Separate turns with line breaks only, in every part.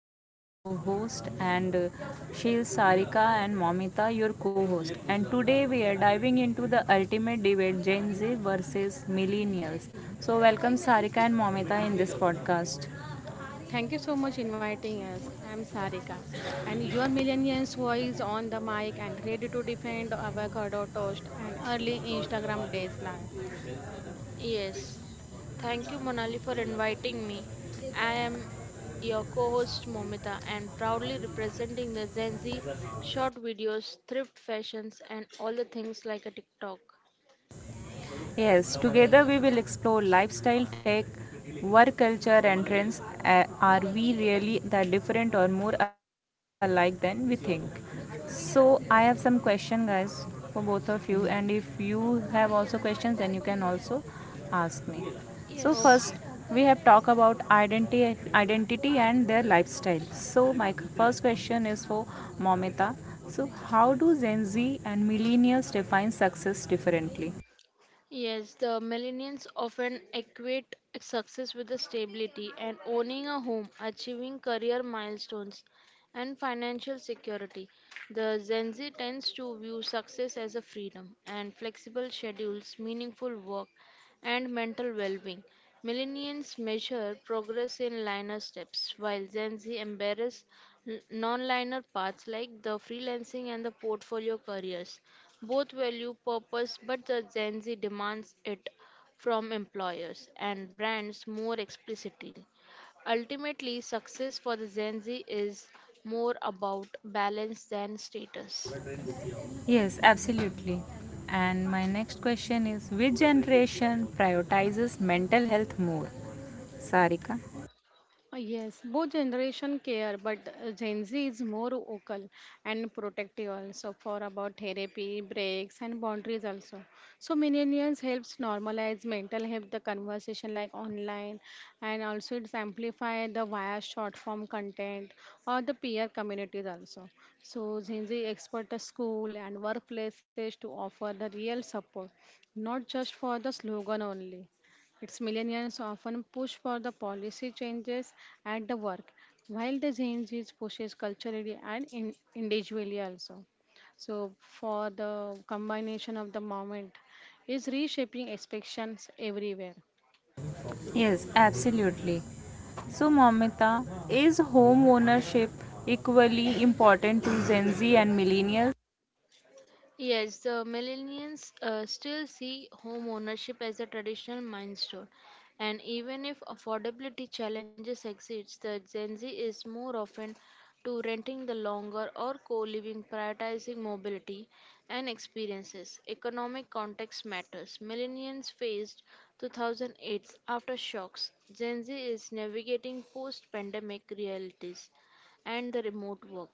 I'm Monali, your host, and Shil Sarika and Momita, your co host. And today we are diving into the ultimate debate, Gen Z versus Millennials. So, welcome Sarika and Momita in this podcast.
Thank you so much inviting us. I am Sarika, and your millennials voice on the mic and ready to defend avocado toast and early Instagram days now.
Yes, thank you, Monali, for inviting me. I am your co host, Momita, and proudly representing the Gen Z short videos, thrift fashions, and all the things like a TikTok.
Yes, together we will explore lifestyle, tech, work culture, and trends. Are we really that different or more alike than we think? So, I have some question, guys, for both of you, and if you have also questions, then you can also ask me. So,
Yes.
first
Okay.
we have talked about identity, identity and their lifestyle. So, my first question is for Momita. So, how do Gen Z and millennials define success differently?
Yes, the millennials often equate success with the stability and owning a home, achieving career milestones, and financial security. The Gen Z tends to view success as a freedom and flexible schedules, meaningful work, and mental well being. Millennials measure progress in linear steps, while Gen Z embraces non linear paths like the freelancing and the portfolio careers. Both value purpose, but the Gen Z demands it from employers and brands more explicitly. Ultimately, success for the Gen Z is more about balance than status.
Yes, absolutely. And my next question is, which generation prioritizes mental health more? Sarika?
Yes, both generation care, but Gen Z is more vocal and protective also for about therapy, breaks and boundaries also. So millennials helps normalize mental health, the conversation like online, and also it's amplify the via short form content or the peer communities also. So Gen Z expert the school and workplaces to offer the real support, not just for the slogan only. Its millennials often push for the policy changes at the work, while the Gen Z pushes culturally and in, individually also. So, for the combination of the moment is reshaping expectations everywhere.
Yes, absolutely. So, Mamita, is home ownership equally important to Gen Z and millennials?
Yes, the millennials still see home ownership as a traditional milestone, and even if affordability challenges exist, the Gen Z is more often to renting the longer or co-living, prioritizing mobility and experiences. Economic context matters. Millennials faced 2008's aftershocks. Gen Z is navigating post-pandemic realities and the remote work.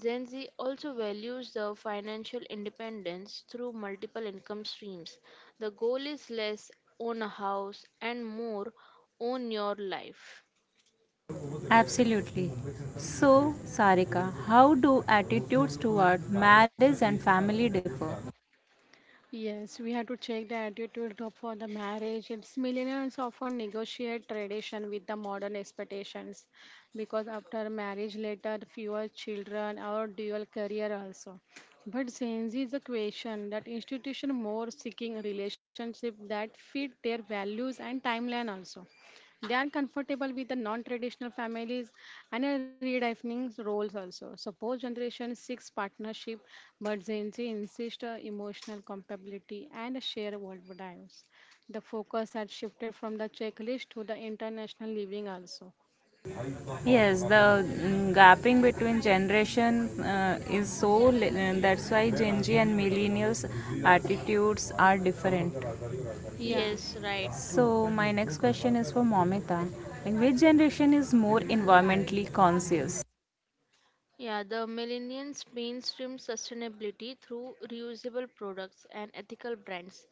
Gen Z also values the financial independence through multiple income streams. The goal is less own a house and more own your life.
Absolutely. So, Sarika, how do attitudes toward marriage and family differ?
Yes, we have to check the attitude for the marriage. It's millennials often negotiate tradition with the modern expectations because after marriage later fewer children or dual career also. But since is a question that institution more seeking relationship that fit their values and timeline also. They are comfortable with the non-traditional families and are redefining roles also. Suppose generation six partnership, but Gen Z insist on emotional compatibility and share values. The focus had shifted from the checklist to the international living also.
Yes, the gapping between generation that's why Gen Z and millennials attitudes are different.
Yeah.
Yes, right.
So my next question is for Momita. Like, which generation is more environmentally conscious?
Yeah, the millennials mainstream sustainability through reusable products and ethical brands.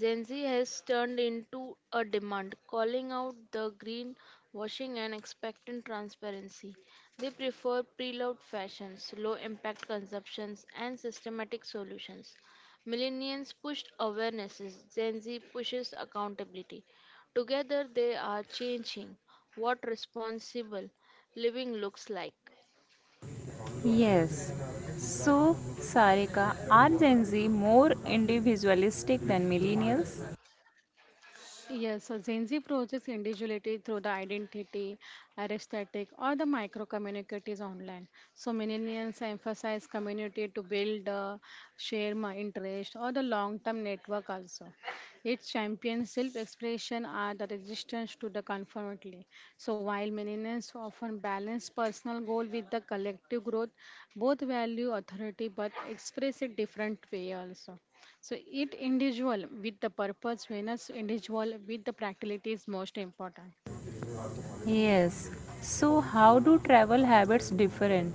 Gen Z has turned into a demand, calling out the green washing and expecting transparency. They prefer preload fashions, low impact consumptions, and systematic solutions. Millennials pushed awarenesses, Gen Z pushes accountability. Together, they are changing what responsible living looks like.
Yes. So Sarika, are Gen Z more individualistic than millennials?
Yes, so Gen Z projects individuality through the identity, aesthetic, or the micro communities online. So millennials emphasize community to build, share my interest, or the long-term network also. Its champions self-expression are the resistance to the conformity. So while millennials often balance personal goal with the collective growth, both value authority but express it different way also. So it individual with the purpose, Venus individual with the practicality is most important.
Yes. So how do travel habits different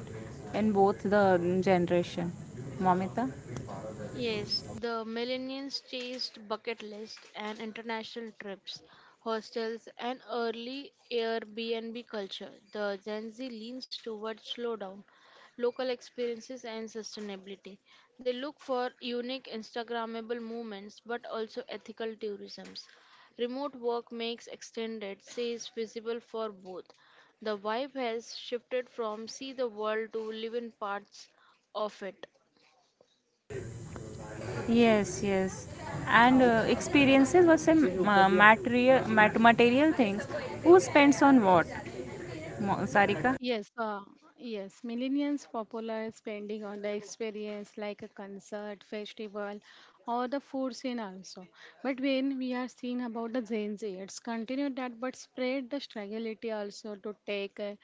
in both the generation? Momita?
Yes, the millennials chased bucket lists and international trips, hostels, and early Airbnb culture. The Gen Z leans toward slowdown, local experiences, and sustainability. They look for unique Instagrammable moments but also ethical tourisms. Remote work makes extended stays visible for both. The vibe has shifted from see the world to live in parts of it.
Yes, yes. And experiences versus material things. Who spends on what? Sarika?
Yes, uh, yes. Millennials popular spending on the experience like a concert, festival, or the food scene also. But when we are seeing about the Gen Z, it's continue that but spread the struggle also to take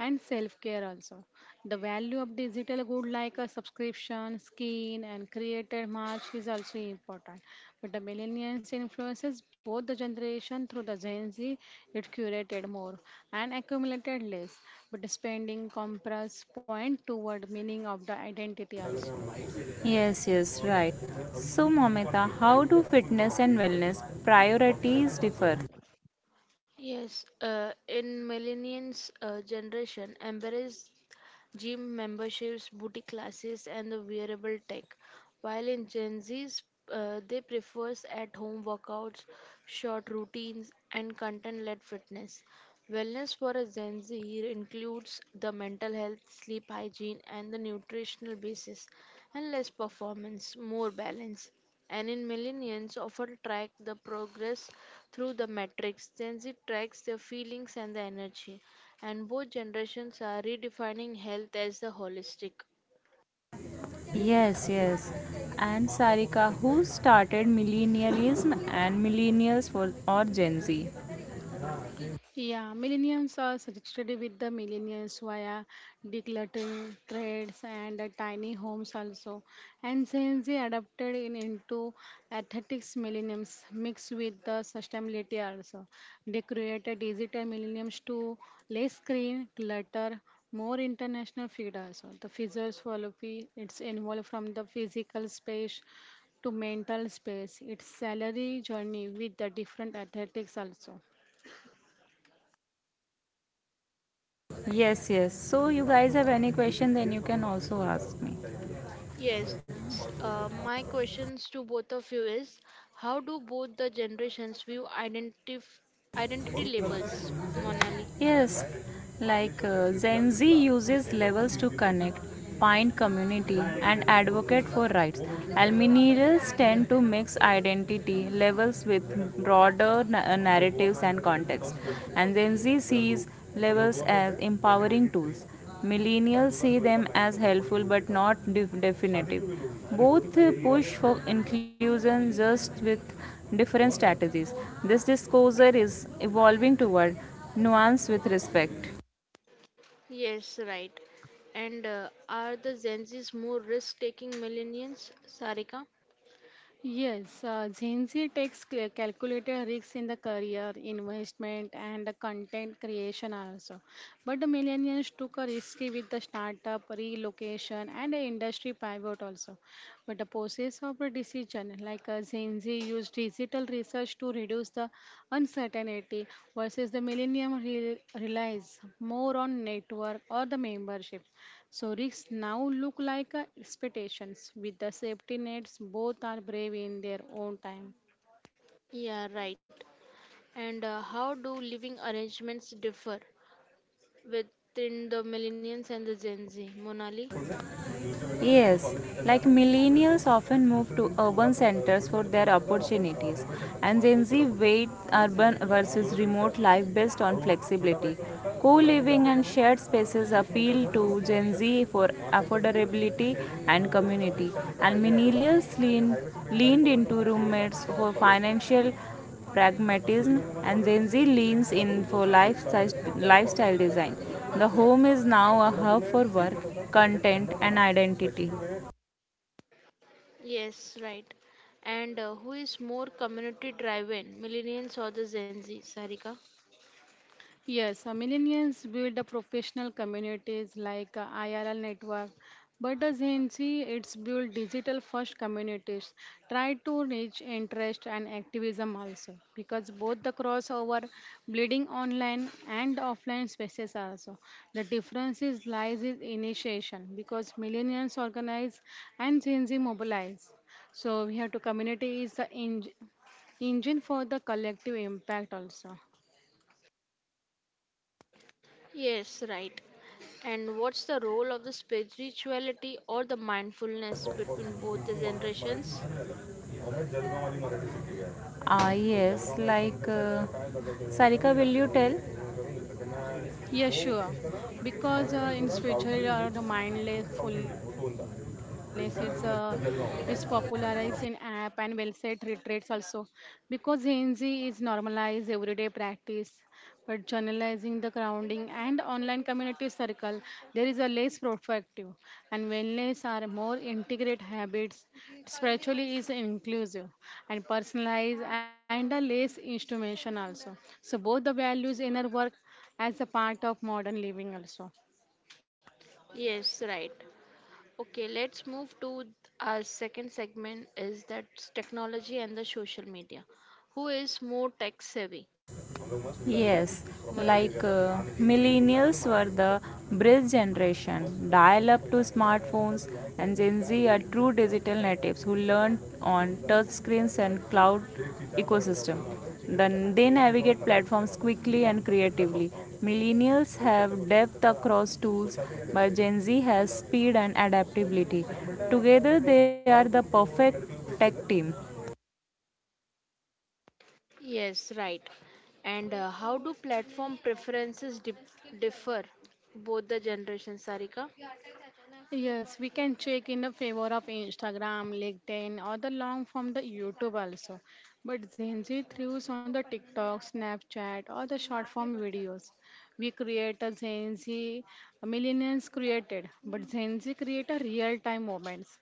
and self care also. The value of digital good like a subscription, skin, and creator march is also important. But the millennials influences both the generation through the Gen Z, it curated more and accumulated less, but spending compress point toward meaning of the identity also.
Yes, yes, right. So, Momita, how do fitness and wellness priorities differ?
Yes, in millennials generation, embrace gym memberships, booty classes, and the wearable tech. While in Gen Zs, they prefers at-home workouts, short routines, and content-led fitness. Wellness for a Gen Z includes the mental health, sleep hygiene, and the nutritional basis, and less performance, more balance and in millennials often track the progress through the metrics. Gen Z tracks their feelings and the energy, and both generations are redefining health as the holistic.
Yes, yes. And Sarika, who started millennialism and millennials for or Gen Z?
Yeah, millennials are suggested with the millennials via decluttering trades and tiny homes also. And Gen Z adapted in into aesthetics millenniums mixed with the sustainability also. They created digital millenniums to less screen clutter, more international feed also. The physical philosophy it's involved from the physical space to mental space. It's salary journey with the different athletics also.
Yes, yes. So, you guys have any question, then you can also ask me.
Yes, my questions to both of you is how do both the generations view identity labels, Monali?
Yes, like Gen Z uses levels to connect, find community, and advocate for rights. Alminerals tend to mix identity levels with broader narratives and context, and Gen Z sees levels as empowering tools. Millennials see them as helpful but not definitive. Both push for inclusion just with different strategies. This discourse is evolving toward nuance with respect.
Yes, right. And are the Gen Zs more risk taking millennials, Sarika?
Yes, Gen Z takes calculated risks in the career, investment, and the content creation also. But the millennials took a risky with the startup, relocation, and the industry pivot also. But the process of a decision, like Gen Z used digital research to reduce the uncertainty, versus the millennium relies more on network or the membership. So risks now look like expectations. With the safety nets, both are brave in their own time.
Yeah, right. And how do living arrangements differ within the millennials and the Gen Z? Monali?
Yes, like millennials often move to urban centers for their opportunities, and Gen Z weight urban versus remote life based on flexibility. Co living and shared spaces appeal to Gen Z for affordability and community, and millennials leaned into roommates for financial pragmatism, and Gen Z leans in for lifestyle, design. The home is now a hub for work, content, and identity.
Yes, right. And who is more community driven, millennials or the Gen Z? Sarika?
Yes, millennials build a professional communities like IRL network, but as Gen Z, it's build digital first communities. Try to reach interest and activism also, because both the crossover, bleeding online and offline spaces also. The difference is lies in initiation, because millennials organize and Gen Z mobilize. So we have to community is the engine for the collective impact also.
Yes, right. And what's the role of the spirituality or the mindfulness between both the generations?
Ah, yes, like uh, Sarika, will you tell?
Yeah, sure. Because in spiritual or the mindfulness is popularized in app and well set retreats also. Because Gen Z is normalized everyday practice, but generalizing the grounding and online community circle, there is a less proactive and wellness are more integrate habits. Spiritually is inclusive and personalized and a less instrumentation also. So both the values in our work as a part of modern living also.
Yes, right. Okay, let's move to our second segment is that's technology and the social media. Who is more tech savvy?
Yes,
Monali.
like millennials were the bridge generation, dial up to smartphones, and Gen Z are true digital natives who learned on touchscreens and cloud ecosystem. Then they navigate platforms quickly and creatively. Millennials have depth across tools, but Gen Z has speed and adaptability. Together, they are the perfect tech team.
Yes, right. And how do platform preferences dip differ both the generations, Sarika?
Yes, we can check in the favor of Instagram, LinkedIn, or the long form the YouTube also. But Gen Z thrives on the TikTok, Snapchat, or the short form videos. We create a Gen Z, millennials created, but Gen Z create a real time moments.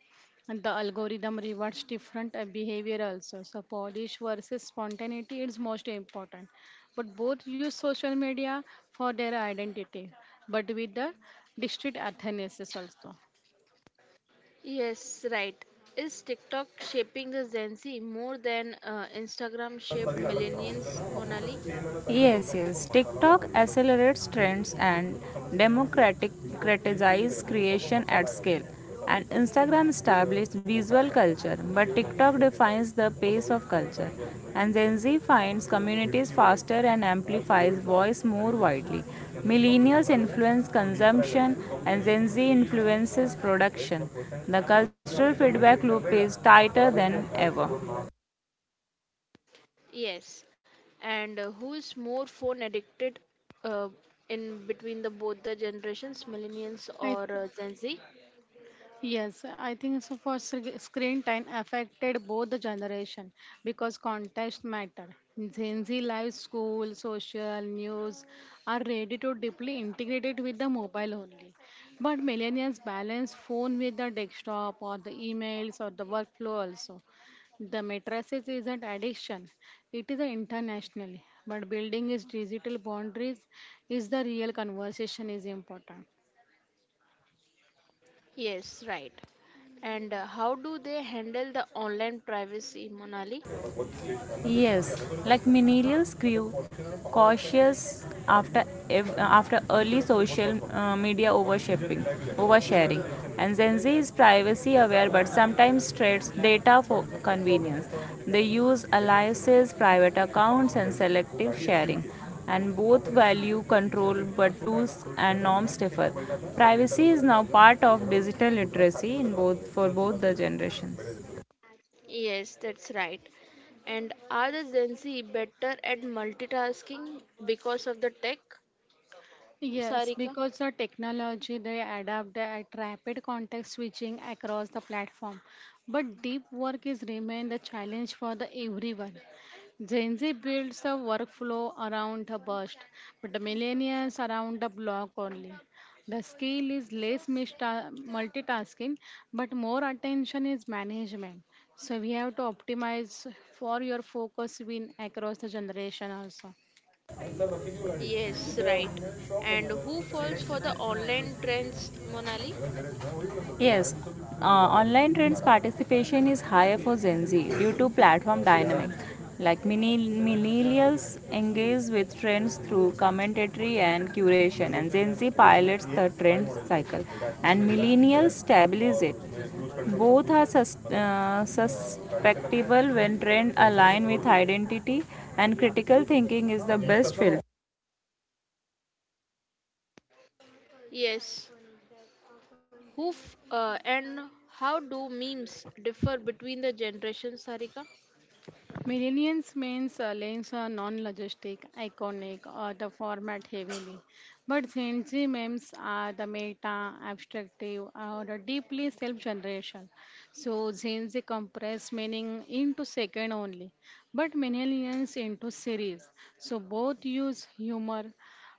And the algorithm rewards different behavior also. So polish versus spontaneity is most important. But both use social media for their identity, but with the distinct athanasis also.
Yes, right. Is TikTok shaping the Gen Z more than Instagram shaped millennials, Monali?
Yes, yes. TikTok accelerates trends and democratizes creation at scale. And Instagram established visual culture, but TikTok defines the pace of culture. And Gen Z finds communities faster and amplifies voice more widely. Millennials influence consumption, and Gen Z influences production. The cultural feedback loop is tighter than ever.
Yes. And who is more phone addicted uh, in between the both the generations, millennials
I
or Gen Z?
Yes, I think so for screen time affected both the generation because context matter. Gen Z life, school, social, news are ready to deeply integrated with the mobile only. But millennials balance phone with the desktop or the emails or the workflow also. The matrices is not addiction. It is a international, but building its digital boundaries is the real conversation is important.
Yes, right. And how do they handle the online privacy, Monali?
Yes, millennials grew cautious after early social media overshapping, oversharing, and Gen Z is privacy aware but sometimes trades data for convenience. They use aliases, private accounts, and selective sharing, and both value control but tools and norms differ. Privacy is now part of digital literacy in both, for both the generations.
Yes, that's right. And are the Gen Z better at multitasking because of the tech,
Yes,
Sarika?
because the technology they adapt at rapid context switching across the platform. But deep work is remain the challenge for the everyone. Gen Z builds a workflow around a burst, but the millennials around a block only. The skill is less multitasking, but more attention is management. So we have to optimize for your focus win across the generation also.
Yes, right. And who falls for the online trends, Monali?
Yes, Online trends participation is higher for Gen Z due to platform dynamics. Like, millennials engage with trends through commentary and curation, and Gen Z pilots the trend cycle, and millennials stabilize it. Both are susceptible when trend align with identity, and critical thinking is the best filter.
Yes. And how do memes differ between the generations, Sarika?
Millennials means lanes are non-logistic, iconic, or the format heavily. But Gen Z memes are the meta, abstractive, or the deeply self-generation. So Gen Z compress meaning into second only, but millennials into series. So both use humor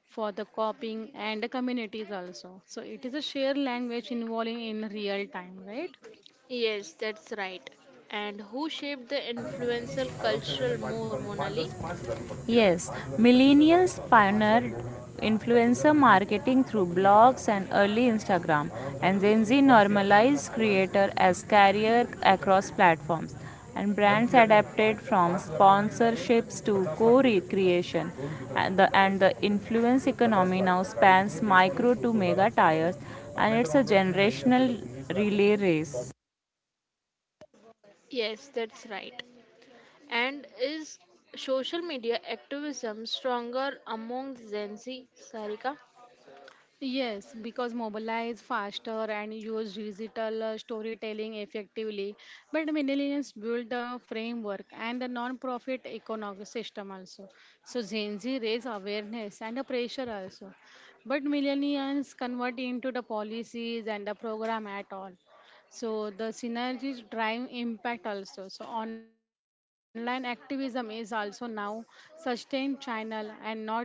for the copying and the communities also. So it is a shared language involving in real time, right?
Yes, that's right. And who shaped the influential cultural more, Monali?
Yes, millennials pioneered influencer marketing through blogs and early Instagram, and Gen Z normalized creator as career across platforms. And brands adapted from sponsorships to co-creation, and the influence economy now spans micro to mega tiers, and it's a generational relay race.
Yes, that's right. And is social media activism stronger among Gen Z, Sarika?
Yes, because mobilize faster and use digital storytelling effectively. But millennials build a framework and a non-profit economic system also. So Gen Z raise awareness and a pressure also. But millennials convert into the policies and the program at all. So the synergies drive impact also. So online activism is also now sustained channel and not a momentum.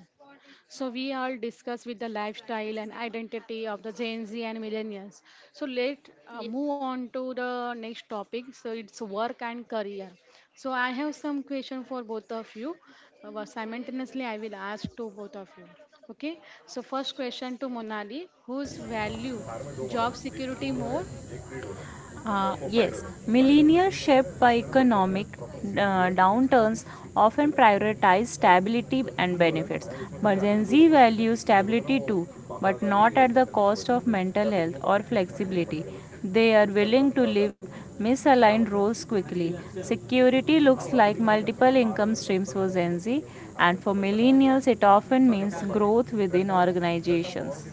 So we all discuss with the lifestyle and identity of the Gen Z and millennials. So let move on to the next topic. So it's work and career. So I have some question for both of you. Simultaneously, I will ask to both of you. Okay. So first question to Monali: whose value job security more?
Yes, millennials shaped by economic downturns often prioritize stability and benefits, but Gen Z values stability too, but not at the cost of mental health or flexibility. They are willing to live misaligned roles quickly. Security looks like multiple income streams for Gen Z, and for millennials, it often means growth within organizations.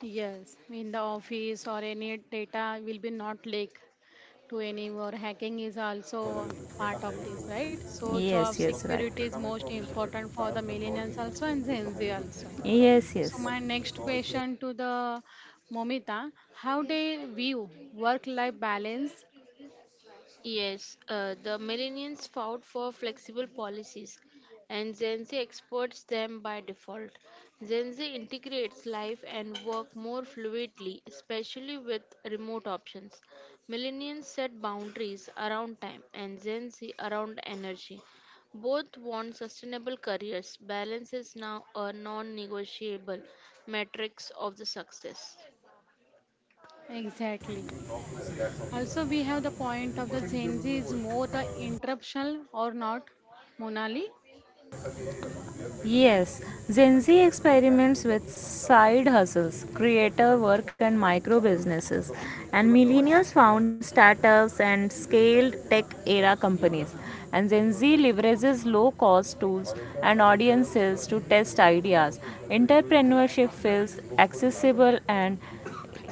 Yes, in the office or any data will be not leak to any war. Hacking is also part of this, right? So job
Yes, yes, right.
security is most important for the millennials also and Gen Z also.
Yes,
So
yes.
my next question to the Momita, how they view work-life balance
Yes, the millennials fought for flexible policies, and Gen Z exports them by default. Gen Z integrates life and work more fluidly, especially with remote options. Millennials set boundaries around time, and Gen Z around energy. Both want sustainable careers. Balance is now a non negotiable metrics of the success.
exactly? Also, we have the point of the Gen Z is more the interruption or not, Monali?
Yes, Gen Z experiments with side hustles, creator work, and micro businesses. And millennials found startups and scaled tech era companies. And Gen Z leverages low cost tools and audiences to test ideas. Entrepreneurship feels accessible and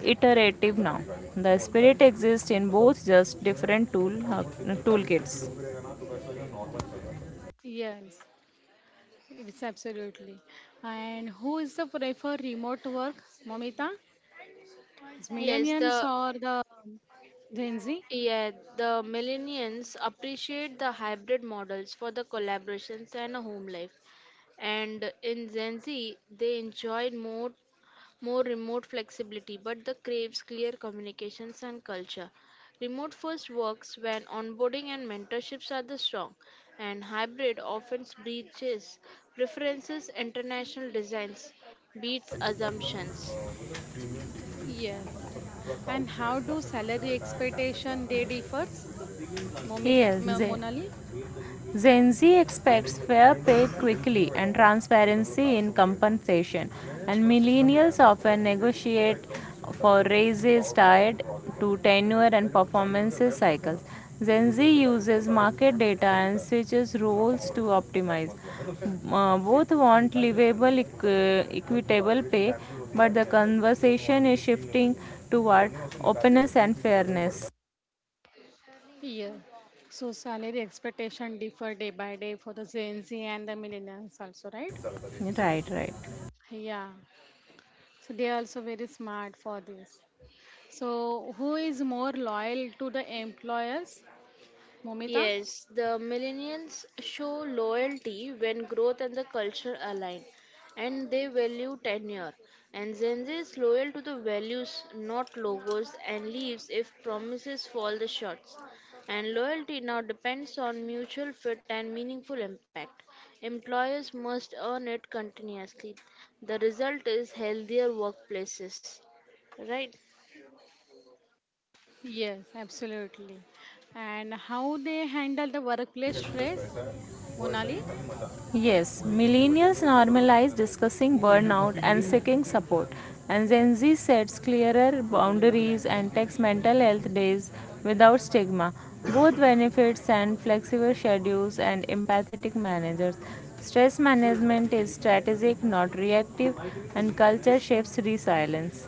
iterative now. The spirit exists in both, just different toolkits.
Yes, it's absolutely. And who is the prefer remote work, Momita? Is
Yes,
millennials
the
or the Gen Z?
Yet the millennials appreciate the hybrid models for the collaborations and a home life. And in Gen Z, they enjoy more remote flexibility, but the craves clear communications and culture. Remote first works when onboarding and mentorships are the strong, and hybrid often breaches preferences, international designs, beats assumptions.
Yes. And how do salary expectation they differs? Momita,
Yes, Gen
Monali?
Gen Z expects fair pay quickly and transparency in compensation, and millennials often negotiate for raises tied to tenure and performance cycles. Gen Z uses market data and switches roles to optimize. Both want livable, equitable pay, but the conversation is shifting toward openness and fairness.
Yeah. So salary expectation differ day by day for the Gen Z and the millennials also, right?
Right, right.
Yeah. So they are also very smart for this. So who is more loyal to the employers? Momita?
Yes, the millennials show loyalty when growth and the culture align, and they value tenure. And Gen Z is loyal to the values, not logos, and leaves if promises fall the shots. And loyalty now depends on mutual fit and meaningful impact. Employers must earn it continuously. The result is healthier workplaces, right?
Yes, absolutely. And how they handle the workplace stress? Monali?
Yes, millennials normalize discussing burnout and seeking support, and Gen Z sets clearer boundaries and takes mental health days without stigma. Both benefits and flexible schedules and empathetic managers. Stress management is strategic, not reactive, and culture shapes resilience.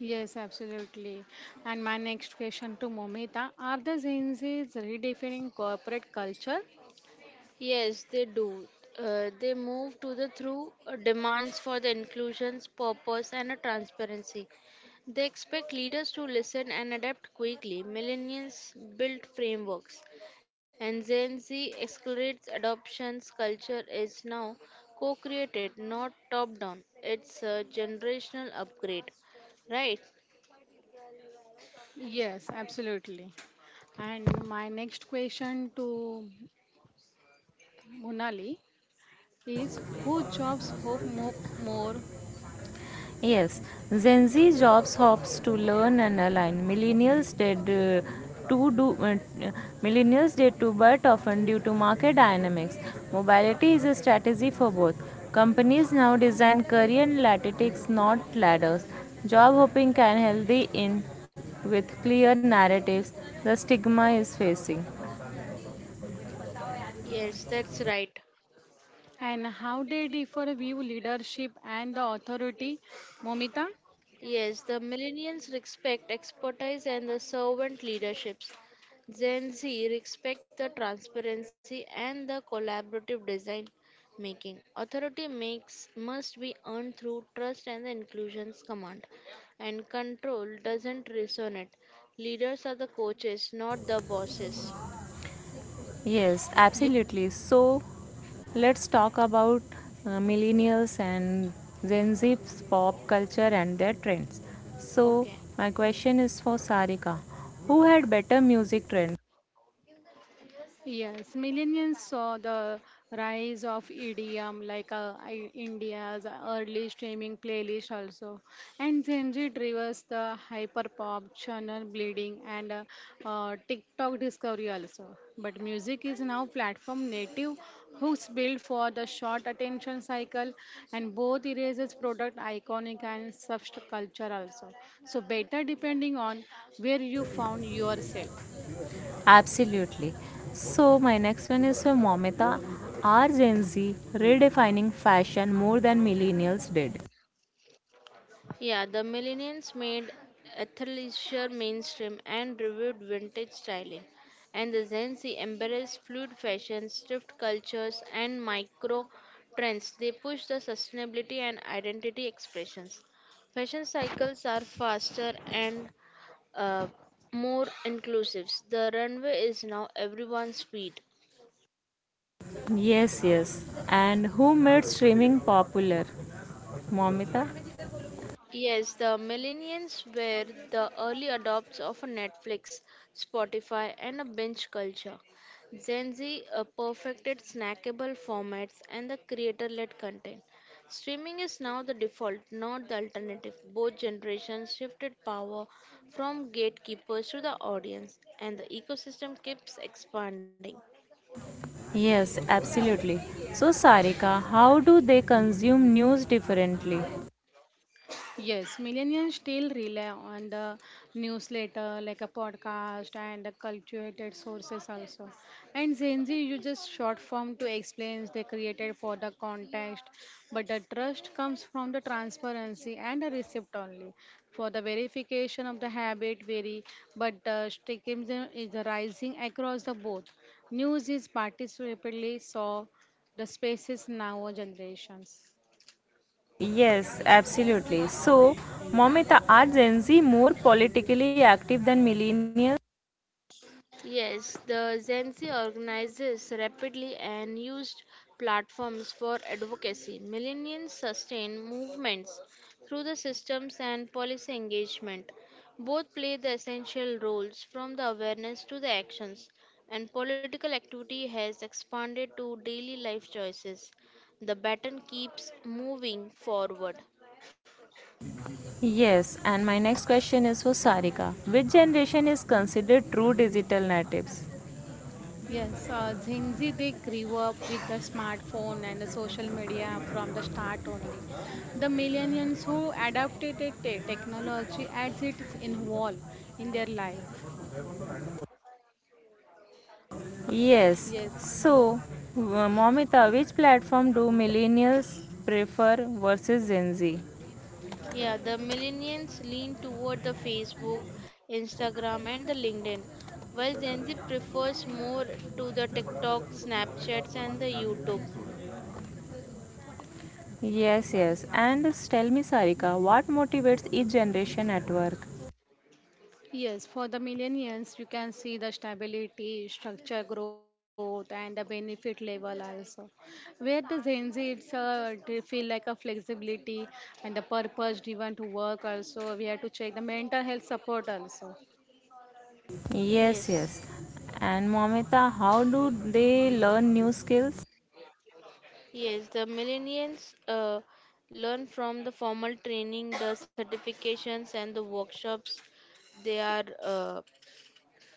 Yes, absolutely. And my next question to Momita, are the Gen Zs redefining corporate culture?
Yes, they do. They move to the through demands for the inclusions, purpose, and a transparency. They expect leaders to listen and adapt quickly. Millennials build frameworks, and Gen Z accelerates adoptions. Culture is now co-created, not top-down. It's a generational upgrade, right?
Yes, absolutely. And my next question to Monali is, who jobs hope more
Yes, Gen Z jobs hops to learn and align. To do uh, Millennials did too, but often due to market dynamics. Mobility is a strategy for both. Companies now design career lattices, not ladders. Job hopping can healthy in with clear narratives. The stigma is facing.
Yes, that's right.
and how they differ view leadership and the authority? Momita?
Yes, the millennials respect expertise and the servant leaderships. Gen Z respect the transparency and the collaborative design making. Authority makes must be earned through trust and the inclusion's command. And control doesn't resonate. Leaders are the coaches, not the bosses.
Yes, absolutely. So let's talk about millennials and Gen Z's pop culture and their trends. So
Okay.
my question is for Sarika. Who had better music trends?
Yes, millennials saw the rise of EDM like India's early streaming playlist also, and Gen Z drives the hyperpop channel bleeding and TikTok discovery also. But music is now platform native, who's built for the short attention cycle, and both erases product iconic and subculture also. So better depending on where you found yourself.
Absolutely. So my next one is for Momita. Are Gen Z redefining fashion more than millennials did?
Yeah, the millennials made athleisure mainstream and revived vintage styling, and the Gen Z embraced fluid fashions, thrift cultures, and micro trends. They push the sustainability and identity expressions. Fashion cycles are faster and uh, more inclusive. The runway is now everyone's feet.
Yes, yes. And who made streaming popular? Momita?
Yes, the millennials were the early adopts of a Netflix, Spotify, and a binge culture. Gen Z perfected snackable formats and the creator led content. Streaming is now the default, not the alternative. Both generations shifted power from gatekeepers to the audience, and the ecosystem keeps expanding.
Yes, absolutely. So, Sarika, how do they consume news differently?
Yes, millennials still rely on the newsletter, like a podcast and the cultivated sources also. And Gen Z uses short form to explain they created for the context, but the trust comes from the transparency and the receipt only. For the verification of the habit vary, but the streakism is rising across the both. News is participatively so the spaces now generations.
Yes, absolutely. So, Momita, are Gen Z more politically active than millennials?
Yes, the Gen Z organizes rapidly and used platforms for advocacy. Millennials sustain movements through the systems and policy engagement. Both play the essential roles from the awareness to the actions, and political activity has expanded to daily life choices. The baton keeps moving forward.
Yes, and my next question is for Sarika. Which generation is considered true digital natives?
Yes, Gen Z they grew up with the smartphone and the social media from the start only. The millennials who adapted it, eh, technology as it is involved in their life.
Yes,
Yes,
so, Momita, which platform do millennials prefer versus Gen Z?
Yeah, the millennials lean toward the Facebook, Instagram, and the LinkedIn, while Gen Z prefers more to the TikTok, Snapchats, and the YouTube.
Yes, yes. And tell me, Sarika, what motivates each generation at work?
Yes, for the millennials, you can see the stability, structure growth, and the benefit level also. Where the Gen Z, it's a, they feel like a flexibility and the purpose driven to work also. We have to check the mental health support also.
Yes,
Yes,
yes. And Momita, how do they learn new skills?
yes, the millennials learn from the formal training, the certifications, and the workshops they are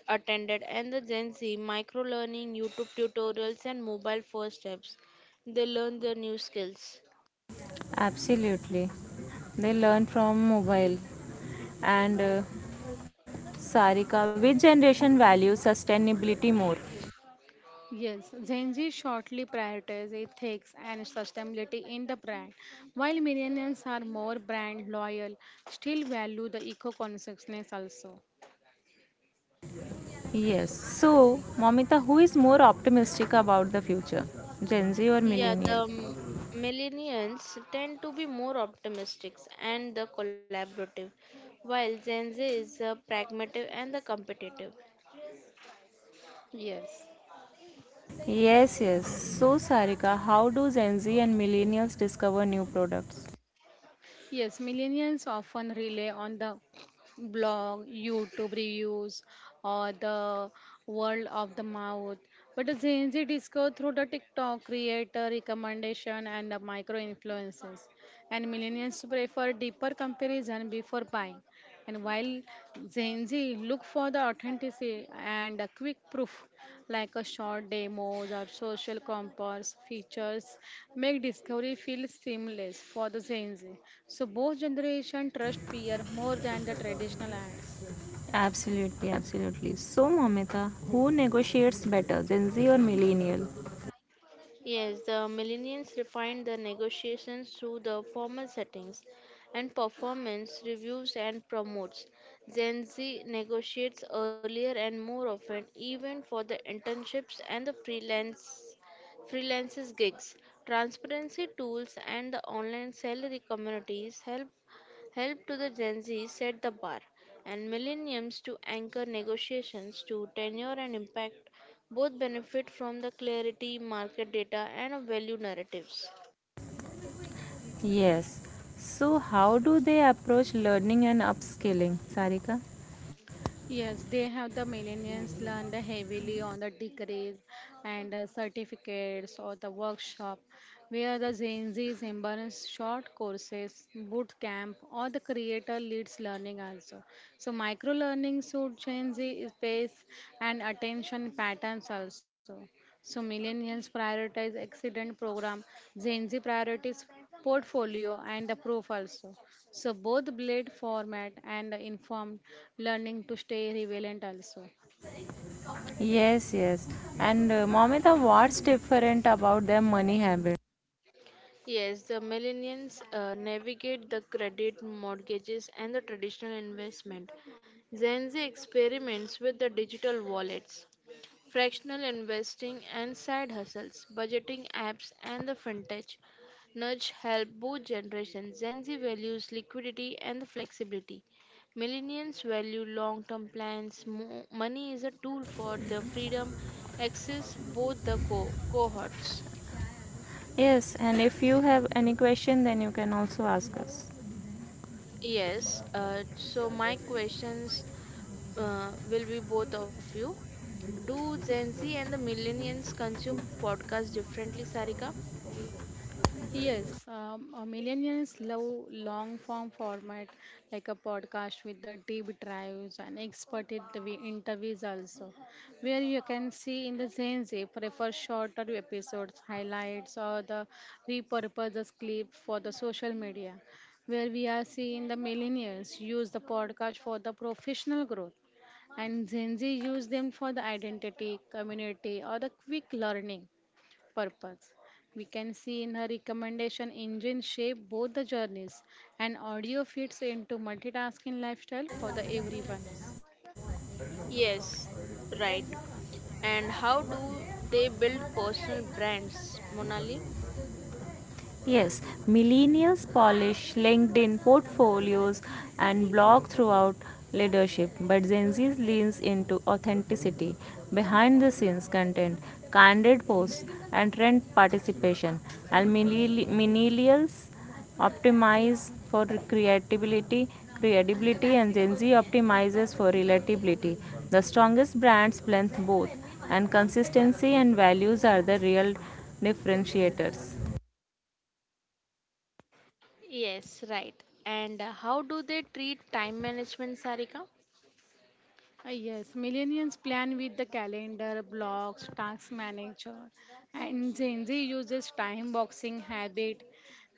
attended, and the Gen Z micro learning, YouTube tutorials, and mobile first steps. They learn their new skills.
Absolutely. They learn from mobile. And Sarika, which generation values sustainability more?
Yes, Gen Z shortly prioritizes ethics and sustainability in the brand, while millennials are more brand loyal, still value the eco-consciousness also.
Yes. So, Momita, who is more optimistic about the future? Gen Z or
Yeah, the
millennial?
millennials tend to be more optimistic and the collaborative, while Gen Z is the pragmatic and the competitive.
Yes.
Yes, yes. So, Sarika, how do Gen Z and millennials discover new products?
Yes, millennials often rely on the blog, YouTube reviews, or the world of the mouth. But the Gen Z discover through the TikTok creator recommendation and the micro influences. And millennials prefer deeper comparison before buying. And while Gen Z look for the authenticity and a quick proof, like a short demos or social compass features, make discovery feel seamless for the Gen Z. So both generation trust peer more than the traditional ads.
Absolutely, absolutely. So, Momita, who negotiates better, Gen Z or Millennial?
Yes, the millennials refine the negotiations through the formal settings and performance reviews and promotes. Gen Z negotiates earlier and more often, even for the internships and the freelances gigs. Transparency tools and the online salary communities help help to the Gen Z set the bar, and millennials to anchor negotiations to tenure and impact. Both benefit from the clarity, market data, and of value narratives.
Yes. So, how do they approach learning and upskilling, Sarika?
Yes, they have the millennials learn the heavily on the degrees and the certificates or the workshop, where the Gen Z's embrace short courses, boot camp, or the creator leads learning also. So micro learning suit Gen Z is pace and attention patterns also. So millennials prioritize accident program, Gen Z priorities portfolio and the proof also. So both blade format and informed learning to stay relevant also.
Yes, yes. And Momita, what's different about their money habit?
Yes, the millennials navigate the credit, mortgages, and the traditional investment. Gen Z experiments with the digital wallets, fractional investing and side hustles, budgeting apps, and the fintech. Nudge help both generations. Gen Z values liquidity and the flexibility. Millennials value long-term plans. Money is a tool for their freedom. Access both the cohorts.
Yes, and if you have any question, then you can also ask us.
Yes. So my questions will be both of you. Do Gen Z and the millennials consume podcasts differently, Sarika?
Yes, millennials love long form format like a podcast with the deep dives and expert interviews also, where you can see in the Gen Z prefer shorter episodes, highlights, or the repurpose the clip for the social media, where we are seeing the millennials use the podcast for the professional growth and Gen Z use them for the identity, community, or the quick learning purpose. We can see in her recommendation engine shape both the journeys and audio fits into multitasking lifestyle for the everyone.
Yes, right. And how do they build personal brands, Monali?
Yes, millennials polish LinkedIn portfolios and blog throughout leadership, but Gen Z leans into authenticity, behind the scenes content, candid posts, and trend participation. And millennials optimize for creativity, credibility, and Gen Z optimizes for relatability. The strongest brands blend both, and consistency and values are the real differentiators.
Yes, right. And how do they treat time management, Sarika?
Yes, millennials plan with the calendar, blocks, task manager, and Gen Z uses time boxing habit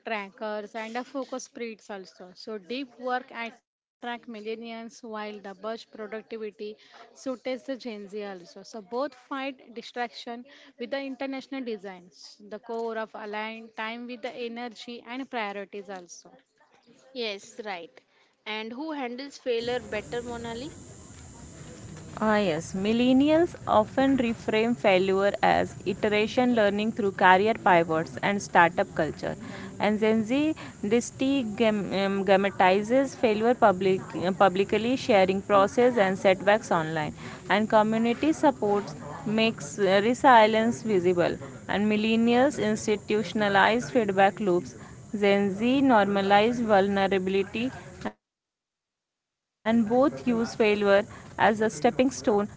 trackers and a focus spreads also. So deep work attract millennials while the burst productivity suits the Gen Z also. So both fight distraction with the international designs, the core of aligned time with the energy and priorities also.
Yes, right. And who handles failure better, Monali?
Ah, yes. Millennials often reframe failure as iteration learning through career pivots and startup culture. And Gen Z destigmatizes failure publicly, sharing process and setbacks online. And community supports makes resilience visible. And millennials institutionalize feedback loops, Gen Z normalize vulnerability, and both use failure as a stepping stone, not a level.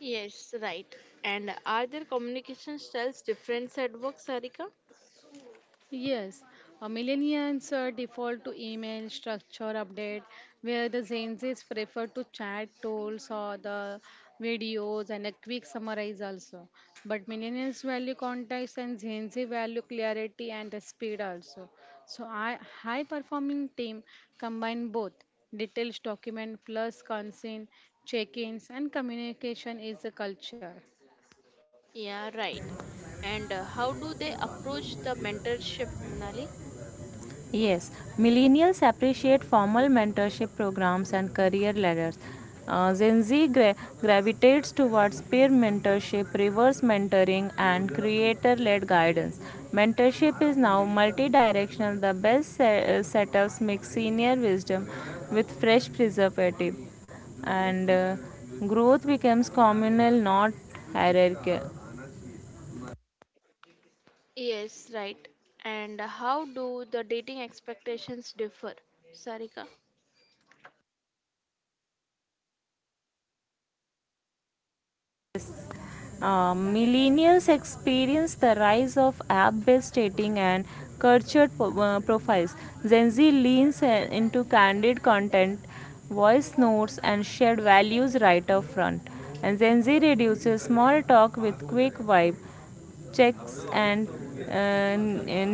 Yes, right. And are their communication styles different at work, Sarika?
Yes, millennials default to email structure update, where the Gen Zs prefer to chat tools or the videos and a quick summarize also. But millennials value context and Gen Z value clarity and the speed also. So I high performing team combine both details document plus consent check-ins and communication is the culture.
Yeah, right. And how do they approach the mentorship, Monali?
Yes, millennials appreciate formal mentorship programs and career ladders. Gen Z gravitates towards peer mentorship, reverse mentoring, and creator led guidance. Mentorship is now multi directional. The best setups mix senior wisdom with fresh preservative, and growth becomes communal, not hierarchical.
Yes, right. And how do the dating expectations differ, Sarika?
Millennials experience the rise of app-based dating and cultured profiles. Gen Z leans into candid content, voice notes, and shared values right up front. And Gen Z reduces small talk with quick vibe checks and uh,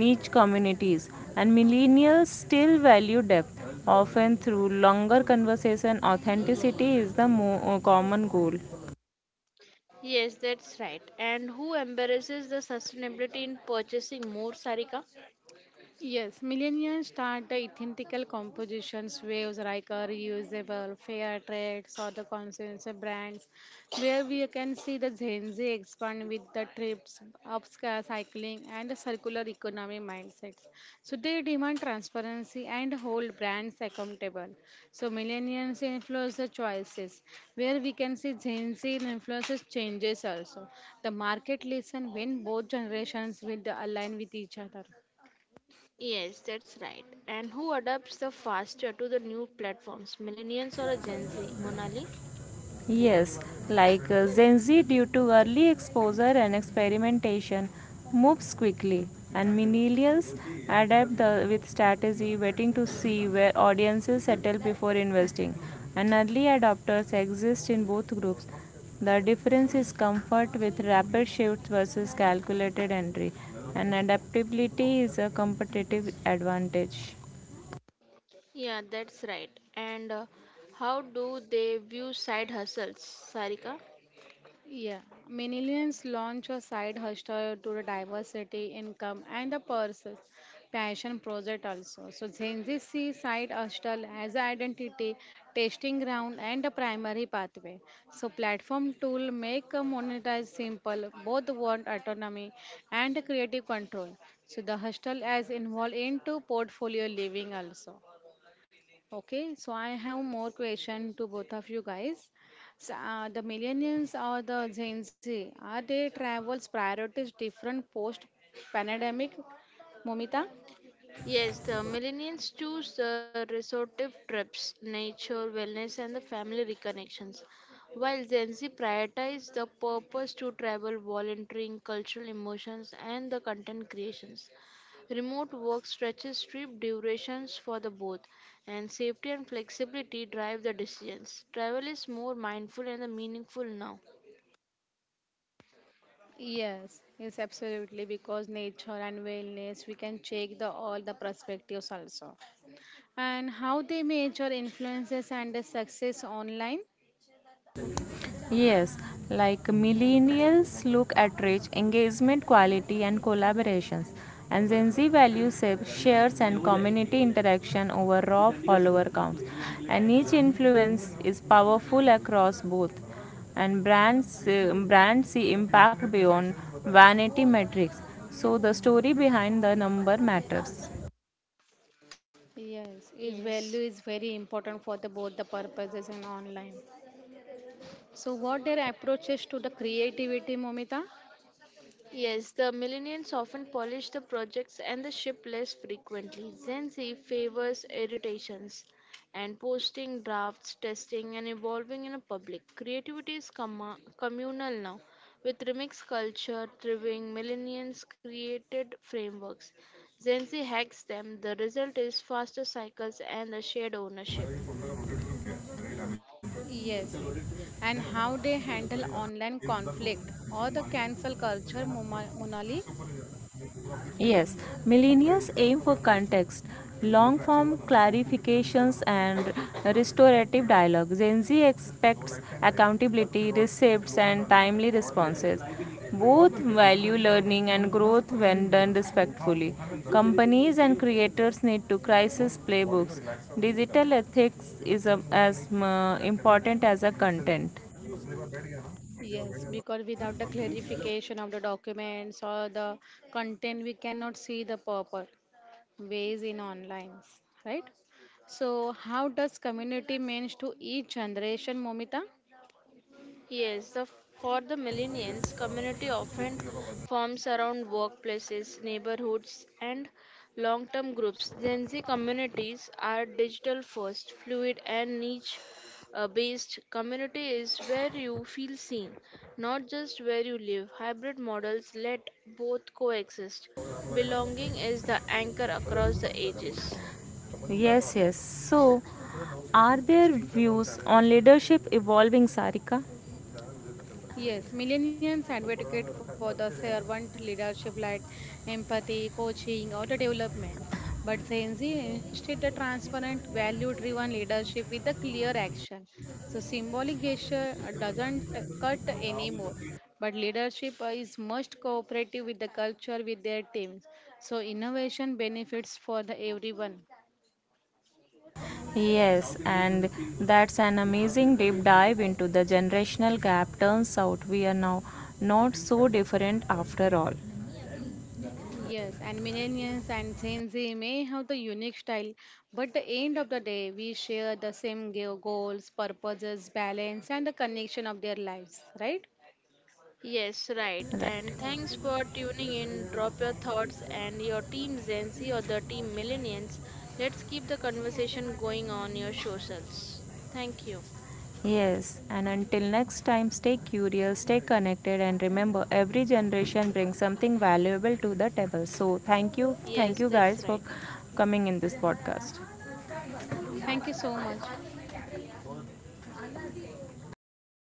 niche communities, and millennials still value depth often through longer conversation. Authenticity is the common goal.
Yes, that's right. And who embarrasses the sustainability in purchasing more, Sarika?
Yes, millennials start the ethical compositions waves like a reusable, fair trades, or the consumer brands, where we can see the Gen Z expand with the trips, upscale cycling, and the circular economy mindsets. So they demand transparency and hold brands accountable. So millennials influence the choices, where we can see Gen Z influences changes also. The market listen when both generations will align with each other.
Yes, that's right. And who adapts the faster to the new platforms, millennials or a Gen Z, Monali?
Yes, Gen Z, due to early exposure and experimentation, moves quickly, and millennials adapt with strategy, waiting to see where audiences settle before investing. And early adopters exist in both groups. The difference is comfort with rapid shifts versus calculated entry, and adaptability is a competitive advantage.
Yeah, that's right. And how do they view side hustles, Sarika?
Yeah, millennials launch a side hustle to the diversity income and the person passion project also. So Gen Z see side hustle as a identity, testing ground and a primary pathway. So platform tool make a monetize simple, both want autonomy and creative control. So the hustle as involved into portfolio living also. Okay, so I have more question to both of you guys. So, the millennials or the Gen Z, are they travels priorities different post pandemic, Momita?
Yes, the millennials choose the resortive trips, nature, wellness, and the family reconnections, while Gen Z prioritize the purpose to travel, volunteering, cultural emotions, and the content creations. Remote work stretches trip durations for the both, and safety and flexibility drive the decisions. Travel is more mindful and meaningful now.
Yes, yes, absolutely. Because nature and wellness, we can check the all the perspectives also, and how they measure influences and the success online.
Yes, like millennials look at reach, engagement, quality, and collaborations, and Gen Z values shares and community interaction over raw follower counts. And each influence is powerful across both, and brands see impact beyond vanity metrics. So the story behind the number matters.
Yes, is
Yes.
value is very important for the both the purposes and online. So, what their approaches to the creativity, Momita?
Yes, the millennials often polish the projects and the ship less frequently. Gen Z favors irritations and posting, drafts, testing, and evolving in a public. Creativity is comma communal now. With remix culture thriving. Millennials created frameworks. Gen Z hacks them. The result is faster cycles and the shared ownership.
Yes, yes. And how they handle online conflict or the cancel culture, Monali?
Yes, millennials aim for context, long form clarifications, and restorative dialogue. Gen Z expects accountability, receipts, and timely responses. Both value learning and growth when done respectfully. Companies and creators need to crisis playbooks. Digital ethics is as important as a content.
Yes, because without the clarification of the documents or the content, we cannot see the purpose ways in online, right? So, how does community means to each generation, Momita?
Yes, for the millennials, community often forms around workplaces, neighborhoods, and long term groups. Gen Z communities are digital first, fluid, and niche based. Community is where you feel seen, not just where you live. Hybrid models let both coexist. Belonging is the anchor across the ages.
So, yes, yes. So, are there views on leadership evolving, Sarika?
Yes, millennials advocate for the servant leadership like empathy, coaching, or the development. But Gen Z instead the transparent, value driven leadership with the clear action. So symbolic gesture doesn't cut anymore. But leadership is most cooperative with the culture with their teams. So innovation benefits for the everyone.
Yes, and that's an amazing deep dive into the generational gap. Turns out we are now not so different after all.
Yes, and millennials and Gen Z may have the unique style, but the end of the day, we share the same goals, purposes, balance, and the connection of their lives, right?
Yes, right.
Right.
And thanks for tuning in. Drop your thoughts and your team Gen Z or the team Millennials. Let's keep the conversation going on your socials. Thank you.
Yes, and until next time, stay curious, stay connected, and remember every generation brings something valuable to the table. So,
Yes,
thank you
that's
guys
right.
for coming in this podcast.
Thank you so much.